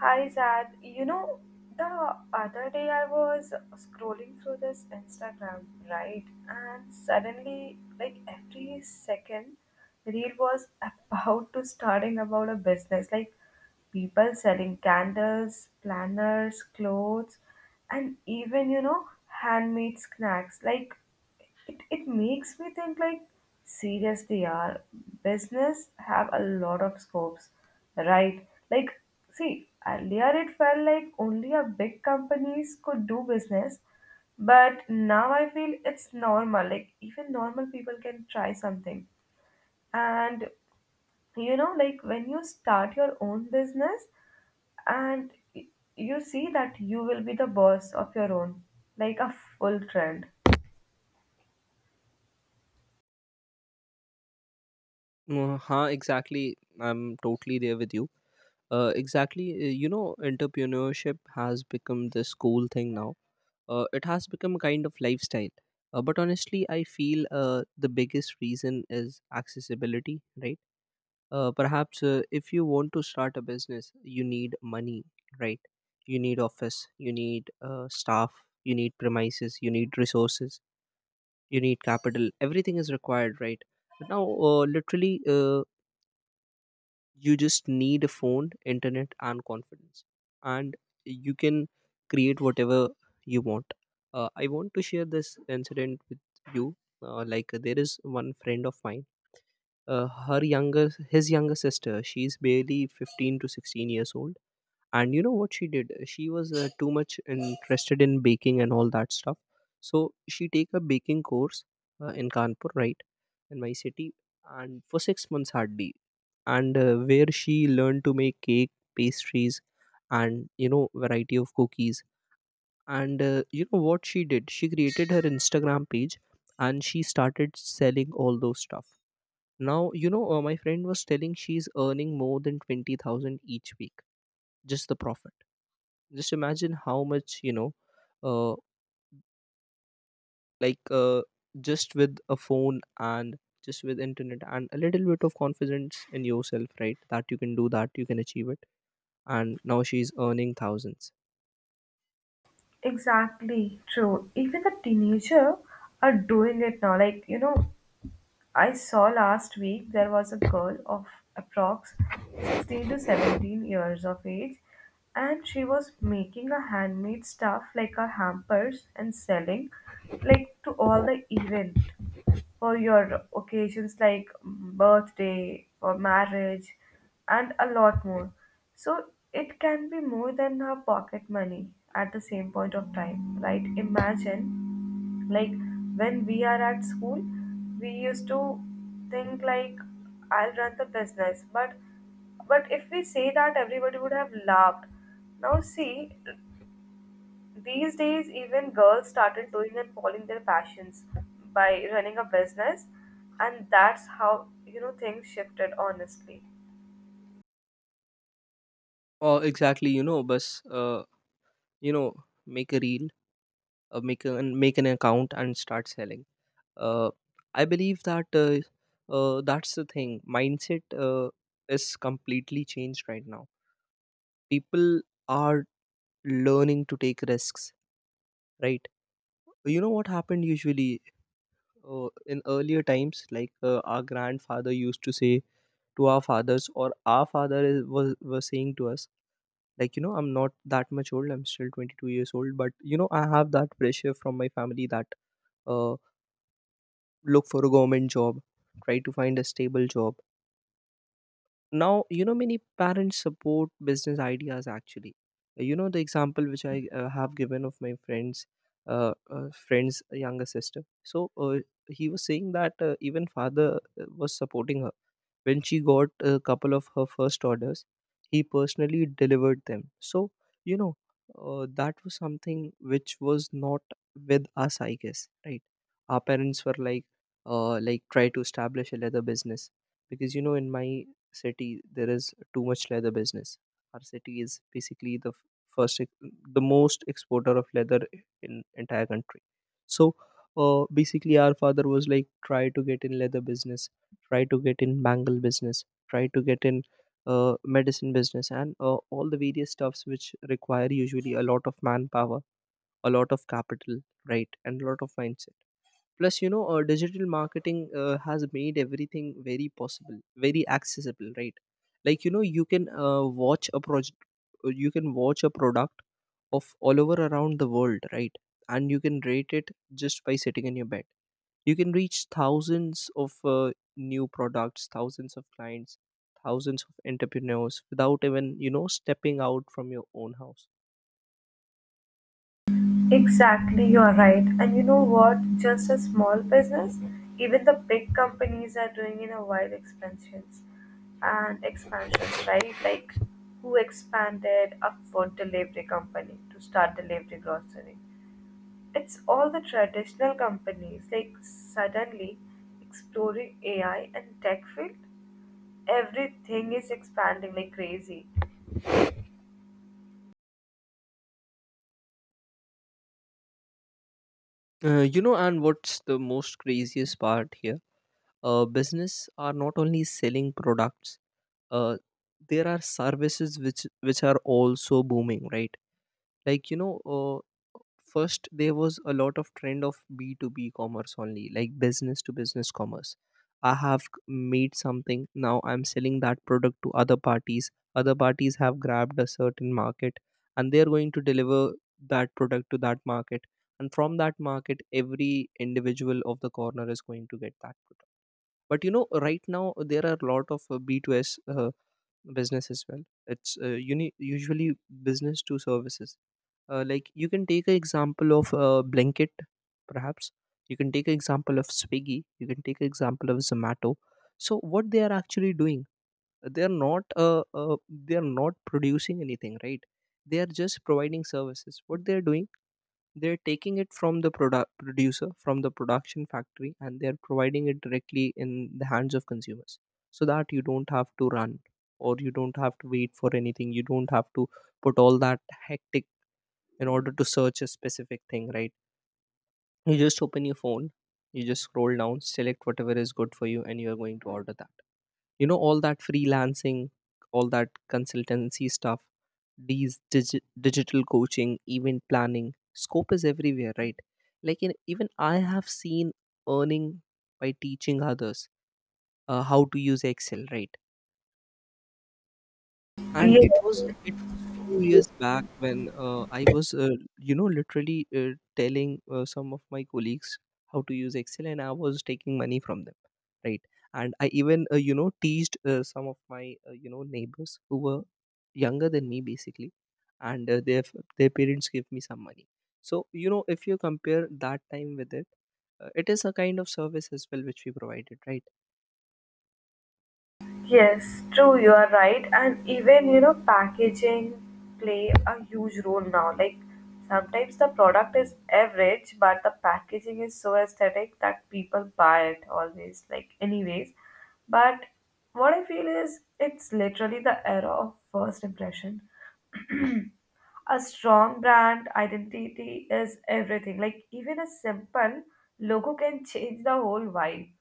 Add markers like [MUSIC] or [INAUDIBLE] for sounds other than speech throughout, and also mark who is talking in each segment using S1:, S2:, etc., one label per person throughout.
S1: Hi Zad, you know, the other day I was scrolling through this Instagram, right? And suddenly, like every second, reel was [LAUGHS] about to starting about a business. Like people selling candles, planners, clothes, and even handmade snacks. Like it makes me think like seriously, are business have a lot of scopes, right? Like see earlier it felt like only a big companies could do business, but now I feel it's normal. Like even normal people can try something, and like when you start your own business and you see that you will be the boss of your own, like a full trend.
S2: Exactly. I'm totally there with you. Exactly. You know, entrepreneurship has become this cool thing now. It has become a kind of lifestyle. But honestly, I feel the biggest reason is accessibility, right? Perhaps If you want to start a business, you need money, right? You need office, you need staff, you need premises, you need resources, you need capital. Everything is required, right? But now, literally, you just need a phone internet and confidence and you can create whatever you want. I want to share this incident with you. Like there is one friend of mine. Her younger sister, she's barely 15 to 16 years old, and you know what she did? She was too much interested in baking and all that stuff, so she take a baking course in Kanpur, right? In my city, and for 6 months hardly, and where she learned to make cake, pastries, and you know variety of cookies. And you know what she did? She created her Instagram page and she started selling all those stuff. Now you know, my friend was telling she's earning more than 20,000 each week, just the profit. Just imagine how much, you know, uh, like uh, just with a phone and just with internet and a little bit of confidence in yourself, right? That you can do that, you can achieve it. And now she's earning thousands.
S1: Exactly true, even the teenager are doing it now. Like I saw last week there was a girl of approx 16 to 17 years of age, and she was making a handmade stuff like a hampers and selling like to all the event for your occasions like birthday or marriage and a lot more. So it can be more than her pocket money at the same point of time, right? Imagine like when we are at school, we used to think like I'll run the business, but if we say that, everybody would have laughed. Now see, these days, even girls started doing and following their passions by running a business, and that's how things shifted honestly.
S2: Oh exactly, you know, bus you know, make a reel, make an account and start selling. uh, I believe that that's the thing, mindset is completely changed right now. People are learning to take risks, right? You know what happened usually. In earlier times, like our grandfather used to say to our fathers, or our was saying to us, like you know, I'm not that much old. I'm still 22 years old, but you know, I have that pressure from my family that uh, look for a government job, try to find a stable job. Now, you know, many parents support business ideas. Actually, you know, the example which I have given of my friends, friend's younger sister. So he was saying that even father was supporting her. When she got a couple of her first orders, he personally delivered them. So, you know, that was something which was not with us, I guess, right? Our parents were like try to establish a leather business, because you know in my city there is too much leather business. Our city is basically the f- first, ex- the most exporter of leather in entire country. So, basically our father was like try to get in leather business, try to get in bangle business, try to get in medicine business, and all the various stuffs which require usually a lot of manpower, a lot of capital, right? And a lot of mindset. Plus you know, digital marketing has made everything very possible, very accessible, right? Like you know, you can watch a project, you can watch a product of all over around the world, right? And you can rate it just by sitting in your bed. You can reach thousands of new products, thousands of clients, thousands of entrepreneurs without even you know stepping out from your own house.
S1: Exactly, you're right. And you know what? Just a small business, even the big companies are doing in a wide expansions and expansions, right? Like who expanded a food delivery company to start delivery grocery. It's all the traditional companies like suddenly exploring AI and tech field. Everything is expanding like crazy.
S2: You know, and what's the most craziest part here, business are not only selling products. uh, there are services which are also booming, right? Like you know, uh, first there was a lot of trend of b2b commerce only, like business to business commerce. I have made something, now I'm selling that product to other parties. Other parties have grabbed a certain market and they're going to deliver that product to that market, and from that market every individual of the corner is going to get that product. But you know right now there are a lot of b two S business as well. It's usually business to services. Like you can take an example of blanket perhaps, you can take an example of Swiggy, you can take an example of Zomato. So what they are actually doing, they are not producing anything, right? They are just providing services. What they are doing, they're taking it from the product producer, from the production factory, and they're providing it directly in the hands of consumers, so that you don't have to run, or you don't have to wait for anything, you don't have to put all that hectic in order to search a specific thing, right? You just open your phone, you just scroll down, select whatever is good for you and you're going to order that. You know, all that freelancing, all that consultancy stuff, these digital coaching, event planning, scope is everywhere, right? Like in, even I have seen earning by teaching others how to use Excel, right? And
S1: Yes,
S2: it was few years back when I was you know literally telling some of my colleagues how to use Excel and I was taking money from them, right? And I even you know teased some of my you know neighbors who were younger than me basically, and their parents gave me some money. So you know, if you compare that time with it, it is a kind of service as well which we provided, right?
S1: yes, true, you are right. And even packaging play a huge role now. Like sometimes the product is average, but the packaging is so aesthetic that people buy it always. Like anyways, but what I feel is it's literally the era of first impression. [CLEARS THROAT] A strong brand identity is everything. Like even a simple logo can change the whole vibe.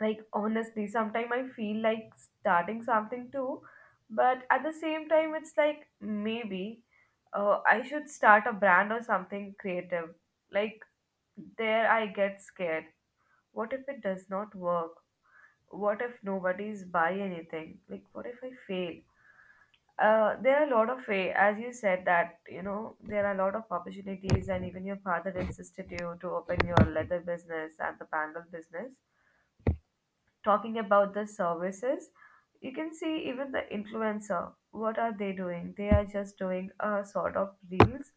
S1: Like honestly, sometimes I feel like starting something too, but at the same time, it's like maybe I should start a brand or something creative. Like there, I get scared. What if it does not work? What if nobody's buy anything? Like what if I fail? There are a lot of way, as you said that there are a lot of opportunities, and even your father insisted you to open your leather business and the bangle business. Talking about the services, you can see even the influencer. What are they doing? They are just doing a sort of reels,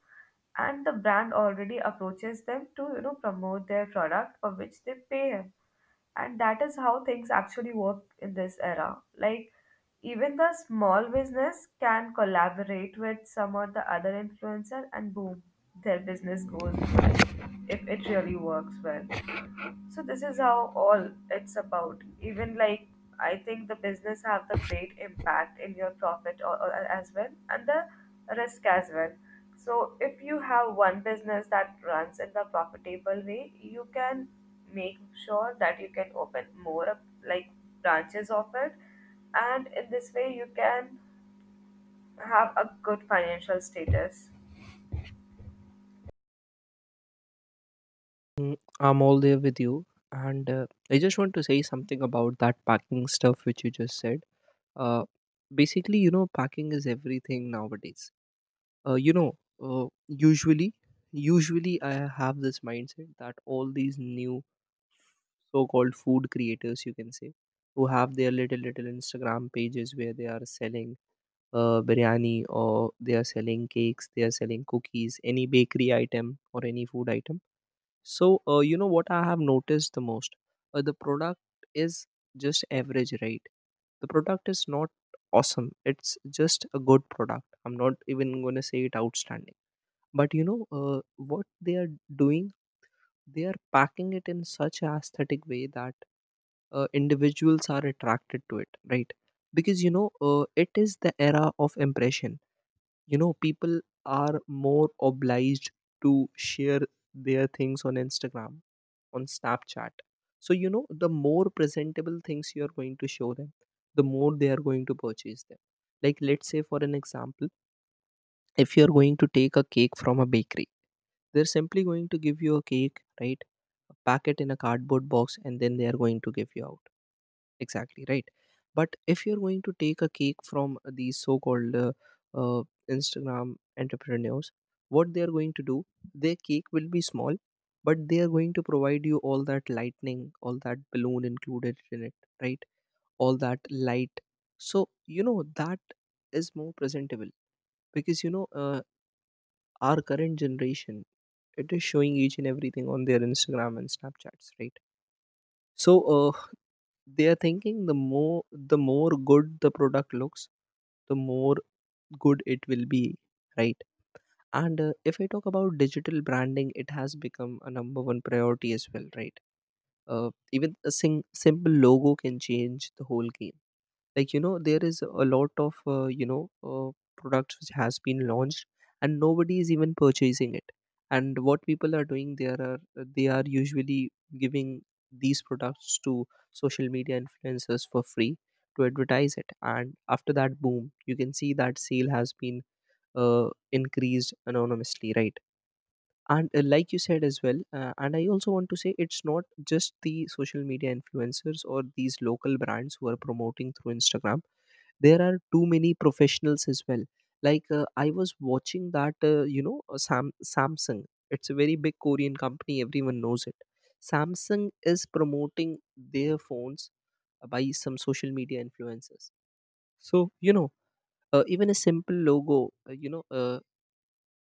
S1: and the brand already approaches them to promote their product, for which they pay him. And that is how things actually work in this era. Like even the small business can collaborate with some or the other influencer and boom, their business goes if it really works well. So this is how all it's about. Even like I think the business have the great impact in your profit or as well, and the risk as well. So if you have one business that runs in the profitable way, you can make sure that you can open more up, like branches of it, and in this way you can have a good financial status.
S2: Mm, I'm all there with you. And I just want to say something about that packing stuff which you just said. Uh, Basically, you know, packing is everything nowadays. You know, uh, usually, usually I have this mindset that all these new so-called food creators, you can say, who have their little little Instagram pages where they are selling biryani, or they are selling cakes, they are selling cookies, any bakery item or any food item. So, you know what I have noticed the most? The product is just average, right? The product is not awesome. It's just a good product. I'm not even going to say it outstanding. But you know, what they are doing? They are packing it in such an aesthetic way that individuals are attracted to it, right? Because you know, it is the era of impression. You know people are more obliged to share their things on Instagram, on Snapchat. So, you know, the more presentable things you are going to show them, the more they are going to purchase them. Like, let's say, for an example, if you're going to take a cake from a bakery, they're simply going to give you a cake, right? Pack it in a cardboard box and then they are going to give you out, exactly, right? But if you're going to take a cake from these so-called uh, Instagram entrepreneurs, what they are going to do, their cake will be small, but they are going to provide you all that lightning, all that balloon included in it, right? All that light. So you know that is more presentable, because you know, our current generation, it is showing each and everything on their Instagram and Snapchats, right? So uh, they are thinking the more, the more good the product looks, the more good it will be, right? And if I talk about digital branding, it has become a number one priority as well, right? Even a simple logo can change the whole game. Like you know, there is a lot of you know products which has been launched and nobody is even purchasing it. And what people are doing, there are they are usually giving these products to social media influencers for free to advertise it, and after that boom you can see that sale has been increased anonymously, right? And like you said as well, and I also want to say it's not just the social media influencers or these local brands who are promoting through Instagram. There are too many professionals as well. Like I was watching that you know, Samsung, it's a very big Korean company, everyone knows it. Samsung is promoting their phones by some social media influencers. So you know, even a simple logo you know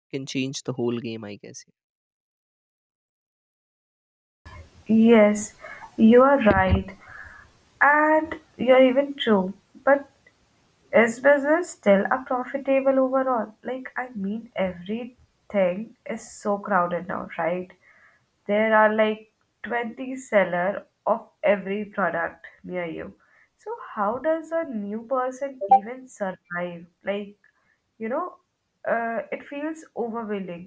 S2: can change the whole game, I guess.
S1: Yes, you are right, and you're even true. But is business still a profitable overall? Like, I mean, everything is so crowded now, right? There are like 20 seller of every product near you. So how does a new person even survive? Like, you know, it feels overwhelming,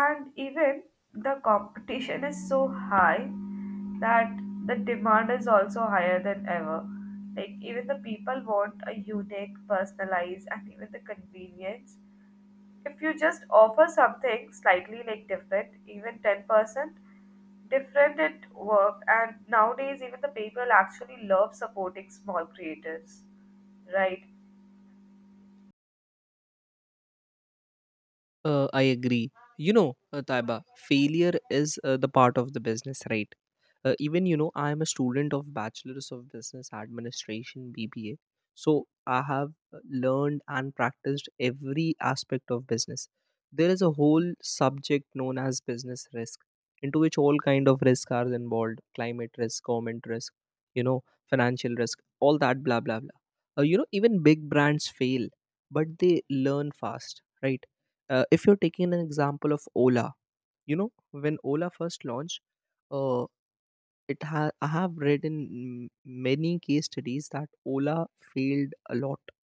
S1: and even the competition is so high that the demand is also higher than ever, like even the people want a unique personalized and even the convenience. If you just offer something slightly like different, even 10% different, it work. And nowadays even the people actually love supporting small creators, right?
S2: I agree. You know, Taiba, failure is the part of the business, right? Even you know, I am a student of Bachelor's of Business Administration (BBA), so I have learned and practiced every aspect of business. There is a whole subject known as business risk, into which all kind of risks are involved: climate risk, government risk, financial risk, all that blah blah blah. Even big brands fail, but they learn fast, right? If you're taking an example of Ola, when Ola first launched, uh, I have read in many case studies that Ola failed a lot.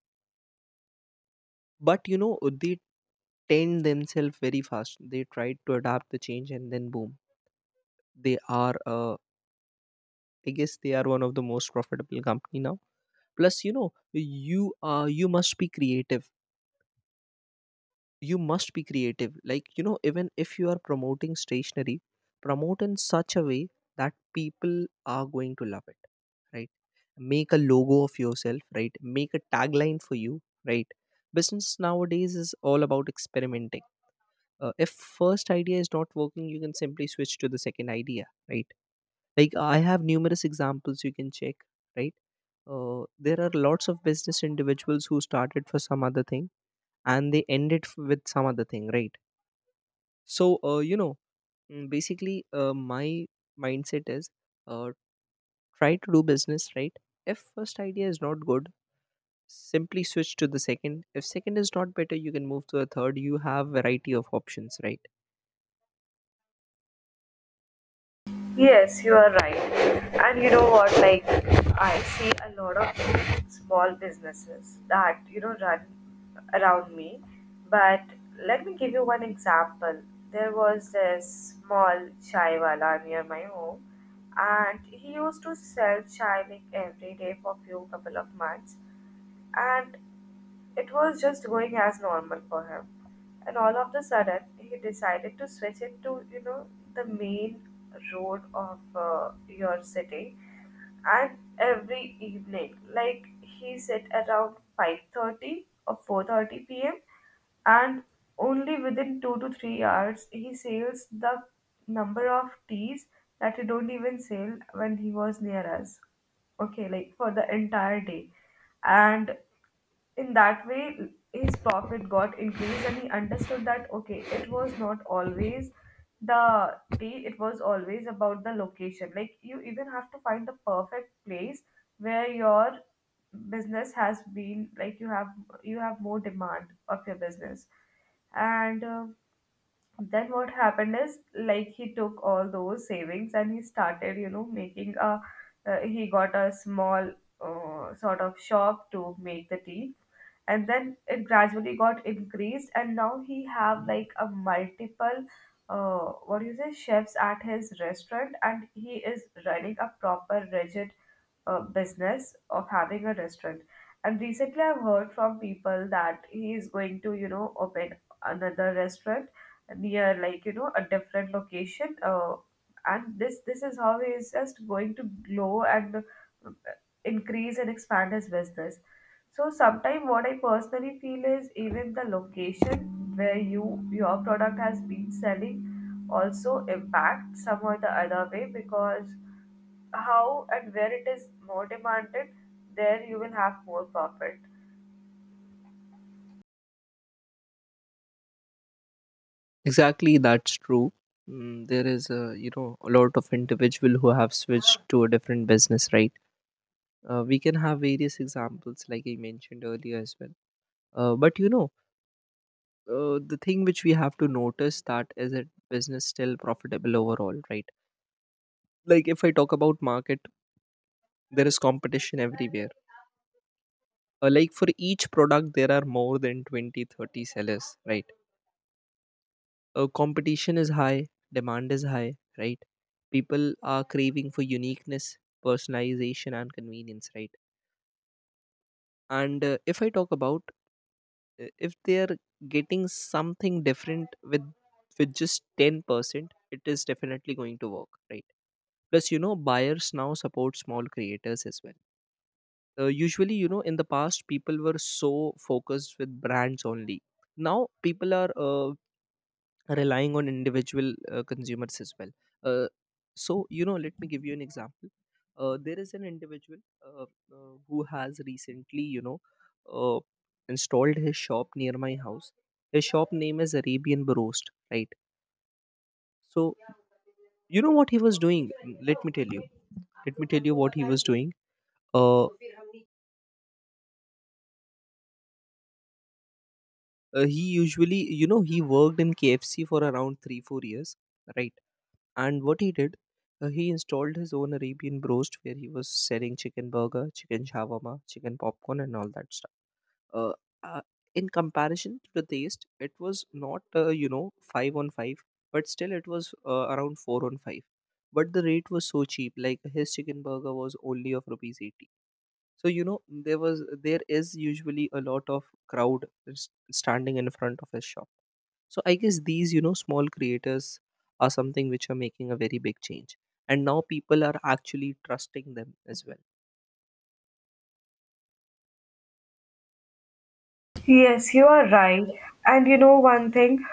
S2: But they tend themselves very fast. They tried to adapt the change, and then boom, they are I guess they are one of the most profitable company now. Plus, you must be creative, you must be creative, like even if you are promoting stationery, promote in such a way that people are going to love it, right? Make a logo of yourself, right? Make a tagline for you, right? Business nowadays is all about experimenting. If first idea is not working, you can simply switch to the second idea, right? Like, I have numerous examples, you can check, right? There are lots of business individuals who started for some other thing, and they ended with some other thing, right? So, basically, my mindset is uh, try to do business, right? If first idea is not good, simply switch to the second. If second is not better, you can move to the third. You have variety of options, right?
S1: Yes, you are right. And you know what? Like, I see a lot of small businesses that, run around me. But let me give you one example. There was this small chai wala near my home, and he used to sell chai like every day for few couple of months. And it was just going as normal for him. And all of the sudden, he decided to switch it to, the main road of your city. And every evening, like he said, around 5:30 or 4:30 p.m. And only within 2 to 3 hours, he sells the number of teas that he don't even sell when he was near us. Okay, like for the entire day. And in that way his profit got increased, and he understood that okay, it was not always the tea, it was always about the location. Like you even have to find the perfect place where your business has been, like you have more demand of your business. And then what happened is like he took all those savings, and he started making a, he got a small, sort of shop to make the tea. And then it gradually got increased, and now he have like a multiple, uh, what do you say, chefs at his restaurant, and he is running a proper rigid business of having a restaurant. And recently I've heard from people that he is going to open another restaurant near, like a different location and this is how he is just going to grow and increase and expand his business. So sometimes what I personally feel is even the location where your product has been selling also impact some or the other way, because how and where it is more demanded, there you will have more profit.
S2: Exactly, that's true. There is, a lot of individual who have switched to a different business, right? We can have various examples, like I mentioned earlier as well. But the thing which we have to notice, that is it business still profitable overall, right? Like, if I talk about market, there is competition everywhere. Like, for each product, there are more than 20, 30 sellers, right? Competition is high, demand is high, right? People are craving for uniqueness, personalization, and convenience, right? And, if I talk about if they are getting something different with just 10%, it is definitely going to work, right? Plus, buyers now support small creators as well. Usually, in the past people were so focused with brands only. Now people are relying on individual consumers as well. uh, so, let me give you an example. There is an individual, uh, who has recently, uh, installed his shop near my house. His shop name is Arabian Roast, right? So, you know what he was doing? Let me tell you. What he was doing, uh, he usually, he worked in KFC for around 3 4 years, right? And what he did, he installed his own Arabian Roast where he was selling chicken burger, chicken shawarma, chicken popcorn, and all that stuff. uh, uh, in comparison to the taste, it was not 5 on 5, but still it was around 4 on 5. But the rate was so cheap, like his chicken burger was only of rupees 80. So, there is usually a lot of crowd s- standing in front of his shop. So I guess these, small creators are something which are making a very big change. And now people are actually trusting them as well.
S1: Yes, you are right. And you know one thing,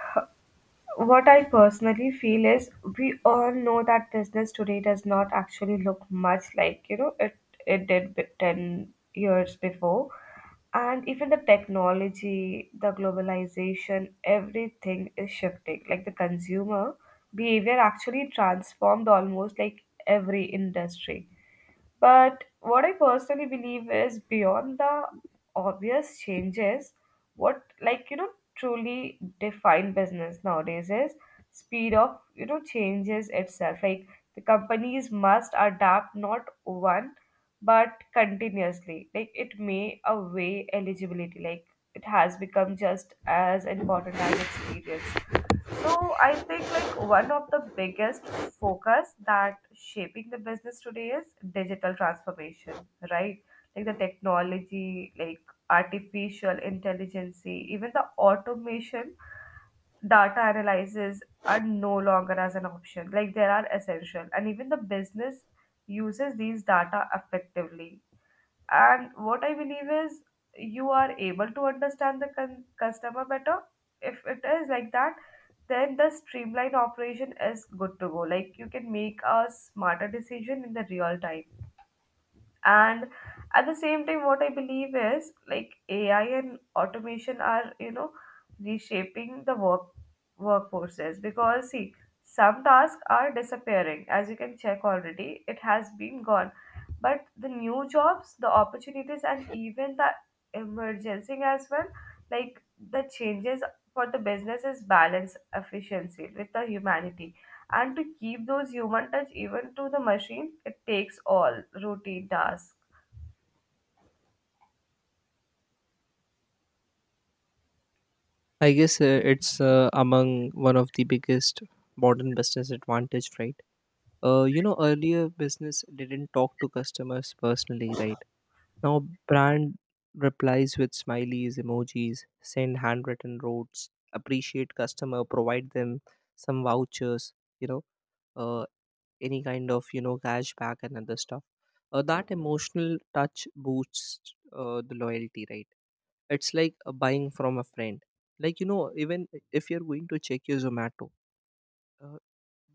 S1: what I personally feel is we all know that business today does not actually look much like, it did 10 years before. And even the technology, the globalization, everything is shifting. Like the consumer behavior actually transformed almost like every industry, but what I personally believe is beyond the obvious changes, what, like truly define business nowadays, is speed of changes itself. Like the companies must adapt not one but continuously. Like it may away eligibility. Like it has become just as important as experience. So I think like one of the biggest focus that shaping the business today is digital transformation, right? Like the technology, like artificial intelligence, even the automation, data analysis are no longer as an option. Like they are essential, and even the business uses these data effectively. And what I believe is you are able to understand the customer better. If it is like that, then the streamlined operation is good to go, like you can make a smarter decision in the real time. And at the same time what I believe is, like AI and automation are reshaping the workforces, because see, some tasks are disappearing, as you can check, already it has been gone, but the new jobs, the opportunities, and [LAUGHS] even the emergency as well, like, the changes for the business is balance efficiency with the humanity, and to keep those human touch even to the machine it takes all routine tasks.
S2: I guess it's among one of the biggest modern business advantage, right? Earlier business didn't talk to customers personally, right? Now brand replies with smileys, emojis, send handwritten notes, appreciate customer, provide them some vouchers, you know, uh, any kind of cashback and other stuff. That emotional touch boosts the loyalty, right? It's like buying from a friend. Like, even if you're going to check your Zomato, uh,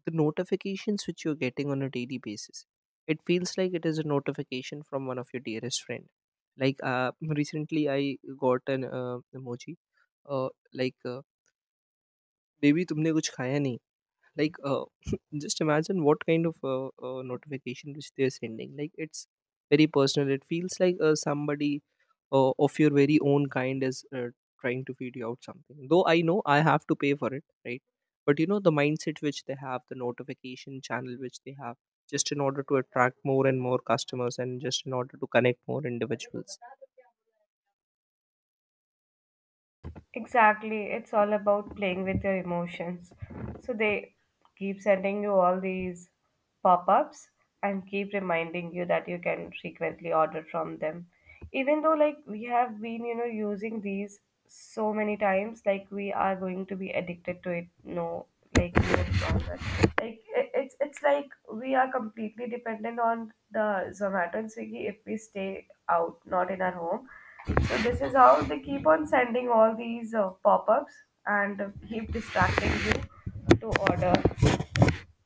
S2: the notifications which you're getting on a daily basis, it feels like it is a notification from one of your dearest friend. Like, recently I got an emoji, uh, like uh, baby tumne kuch khaya nahi, like, [LAUGHS] just imagine what kind of notification which they're sending. Like, it's very personal. It feels like somebody of your very own kind is trying to feed you out something, though I know I have to pay for it, right? But the mindset which they have, the notification channel which they have, just in order to attract more and more customers and just in order to connect more individuals.
S1: Exactly. It's all about playing with your emotions. So they keep sending you all these pop ups and keep reminding you that you can frequently order from them. Even though, like, we have been, using these so many times, like, we are going to be addicted to it. No, like, no longer. Like, it's like we are completely dependent on the Zomato and Swiggy if we stay out, not in our home. So this is how they keep on sending all these pop-ups and keep distracting you to order.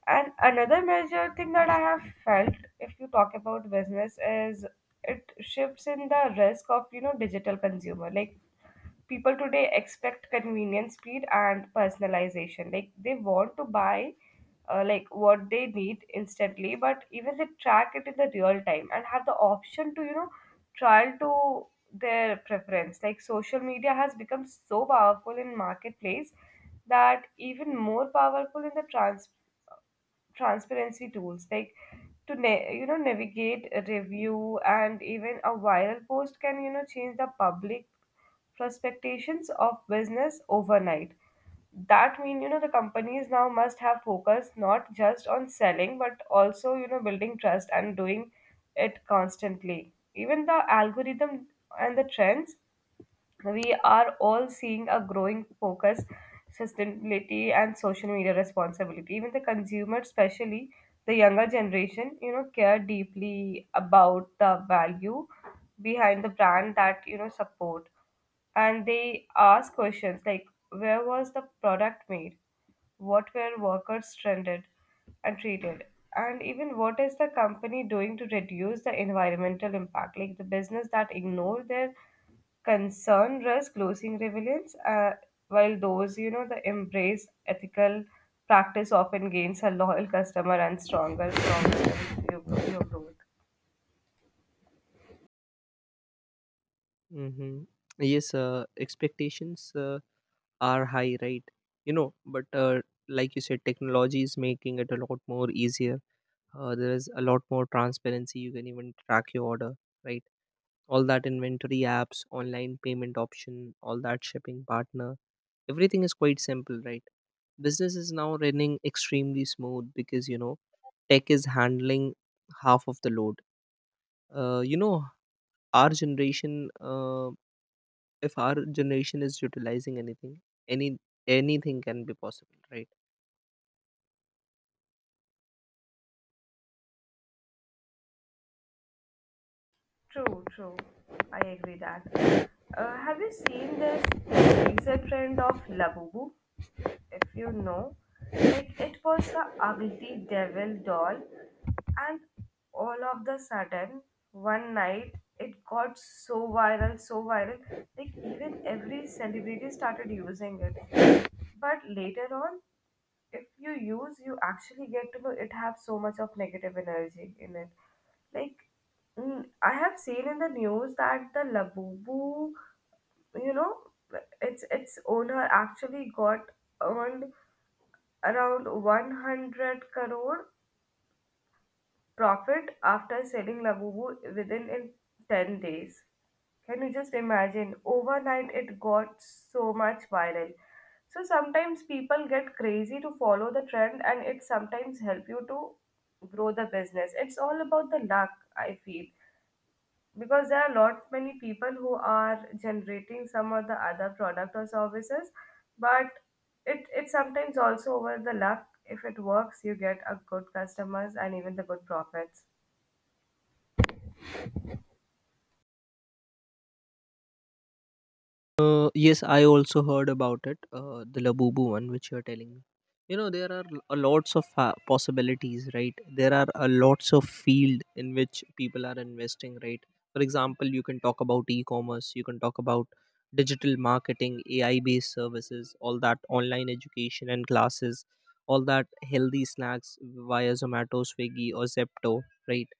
S1: And another major thing that I have felt, if you talk about business, is it shifts in the risk of digital consumer. Like people today expect convenience, speed, and personalization. Like they want to buy, like what they need instantly, but even they track it in the real time and have the option to trial to their preference. Like social media has become so powerful in marketplace, that even more powerful in the transparency tools, like to navigate review, and even a viral post can change the public prospectations of business overnight. That mean the companies now must have focus not just on selling but also building trust and doing it constantly, even the algorithm and the trends. We are all seeing a growing focus sustainability and social media responsibility, even the consumer, especially the younger generation, care deeply about the value behind the brand that support. And they ask questions like, where was the product made, what were workers trended and treated, and even what is the company doing to reduce the environmental impact. Like the business that ignore their concern risk losing relevance, while those that embrace ethical practice often gains a loyal customer and stronger long-term growth.
S2: Mm-hmm. Yes, expectations are high, right? But, like you said, technology is making it a lot more easier. There is a lot more transparency. You can even track your order, right? All that inventory apps, online payment option, all that shipping partner, everything is quite simple, right? Business is now running extremely smooth because tech is handling half of the load. uh, you know our generation, if our generation is utilizing anything, any anything can be possible, right?
S1: True, true. I agree that. Have you seen this recent trend of Labubu? If you know, like it was the ugly devil doll, and all of the sudden, one night, it got so viral, like even every celebrity started using it. But later on, if you use, you actually get to know it have so much of negative energy in it. Like I have seen in the news that the Labubu, you know its owner actually got earned around 100 crore profit after selling Labubu within in 10 days. Can you just imagine? Overnight it got so much viral. So sometimes people get crazy to follow the trend, and it sometimes help you to grow the business. It's all about the luck, I feel. Because there are lot many people who are generating some or the other product or services, but it sometimes also over the luck. If it works, you get a good customers and even the good profits.
S2: Yes, I also heard about it, the Labubu one which you're telling me. There are a lots of possibilities, right? There are a lots of field in which people are investing, right? For example, you can talk about e-commerce. You can talk about digital marketing, AI based services, all that online education and classes, all that healthy snacks via Zomato, Swiggy, or Zepto, right?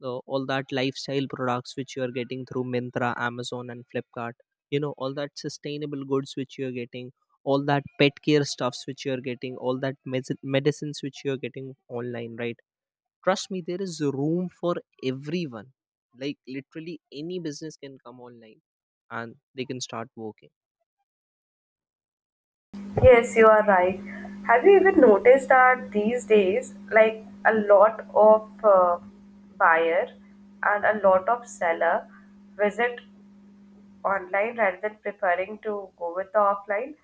S2: All that lifestyle products which you are getting through Mintra, Amazon, and Flipkart. All that sustainable goods which you are getting, all that pet care stuffs which you are getting, all that medicines which you are getting online, right? Trust me, there is room for everyone. Like, literally any business can come online, and they can start working.
S1: Yes, you are right. Have you even noticed that these days, like a lot of buyer and a lot of seller visit online rather than preferring to go with the offline?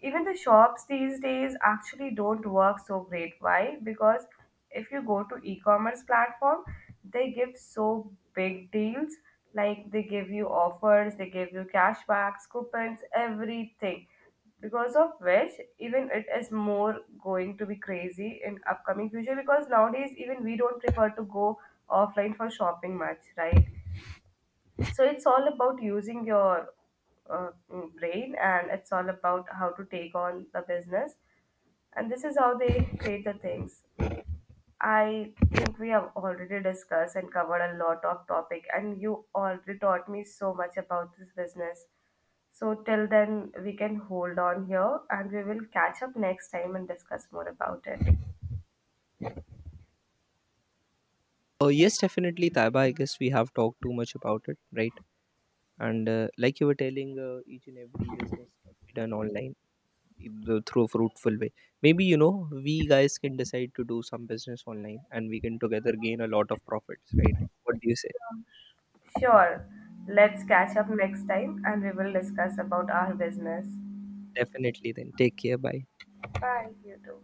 S1: Even the shops these days actually don't work so great, why? Because if you go to e-commerce platform, they give so big deals, like they give you offers, they give you cashbacks, coupons, everything, because of which even it is more going to be crazy in upcoming future, because nowadays even we don't prefer to go offline for shopping much, right? So it's all about using your, brain, and it's all about how to take on the business, and this is how they create the things. I think we have already discussed and covered a lot of topic, and you already taught me so much about this business. So till then we can hold on here, and we will catch up next time and discuss more about it.
S2: Oh yes, definitely, Taiba. I guess we have talked too much about it, right? And, like you were telling, each and every business can be done online. Through a fruitful way, maybe we guys can decide to do some business online, and we can together gain a lot of profits, right? What do you say?
S1: Sure, let's catch up next time and we will discuss about our business.
S2: Definitely, then. Take care. Bye.
S1: Bye, you too.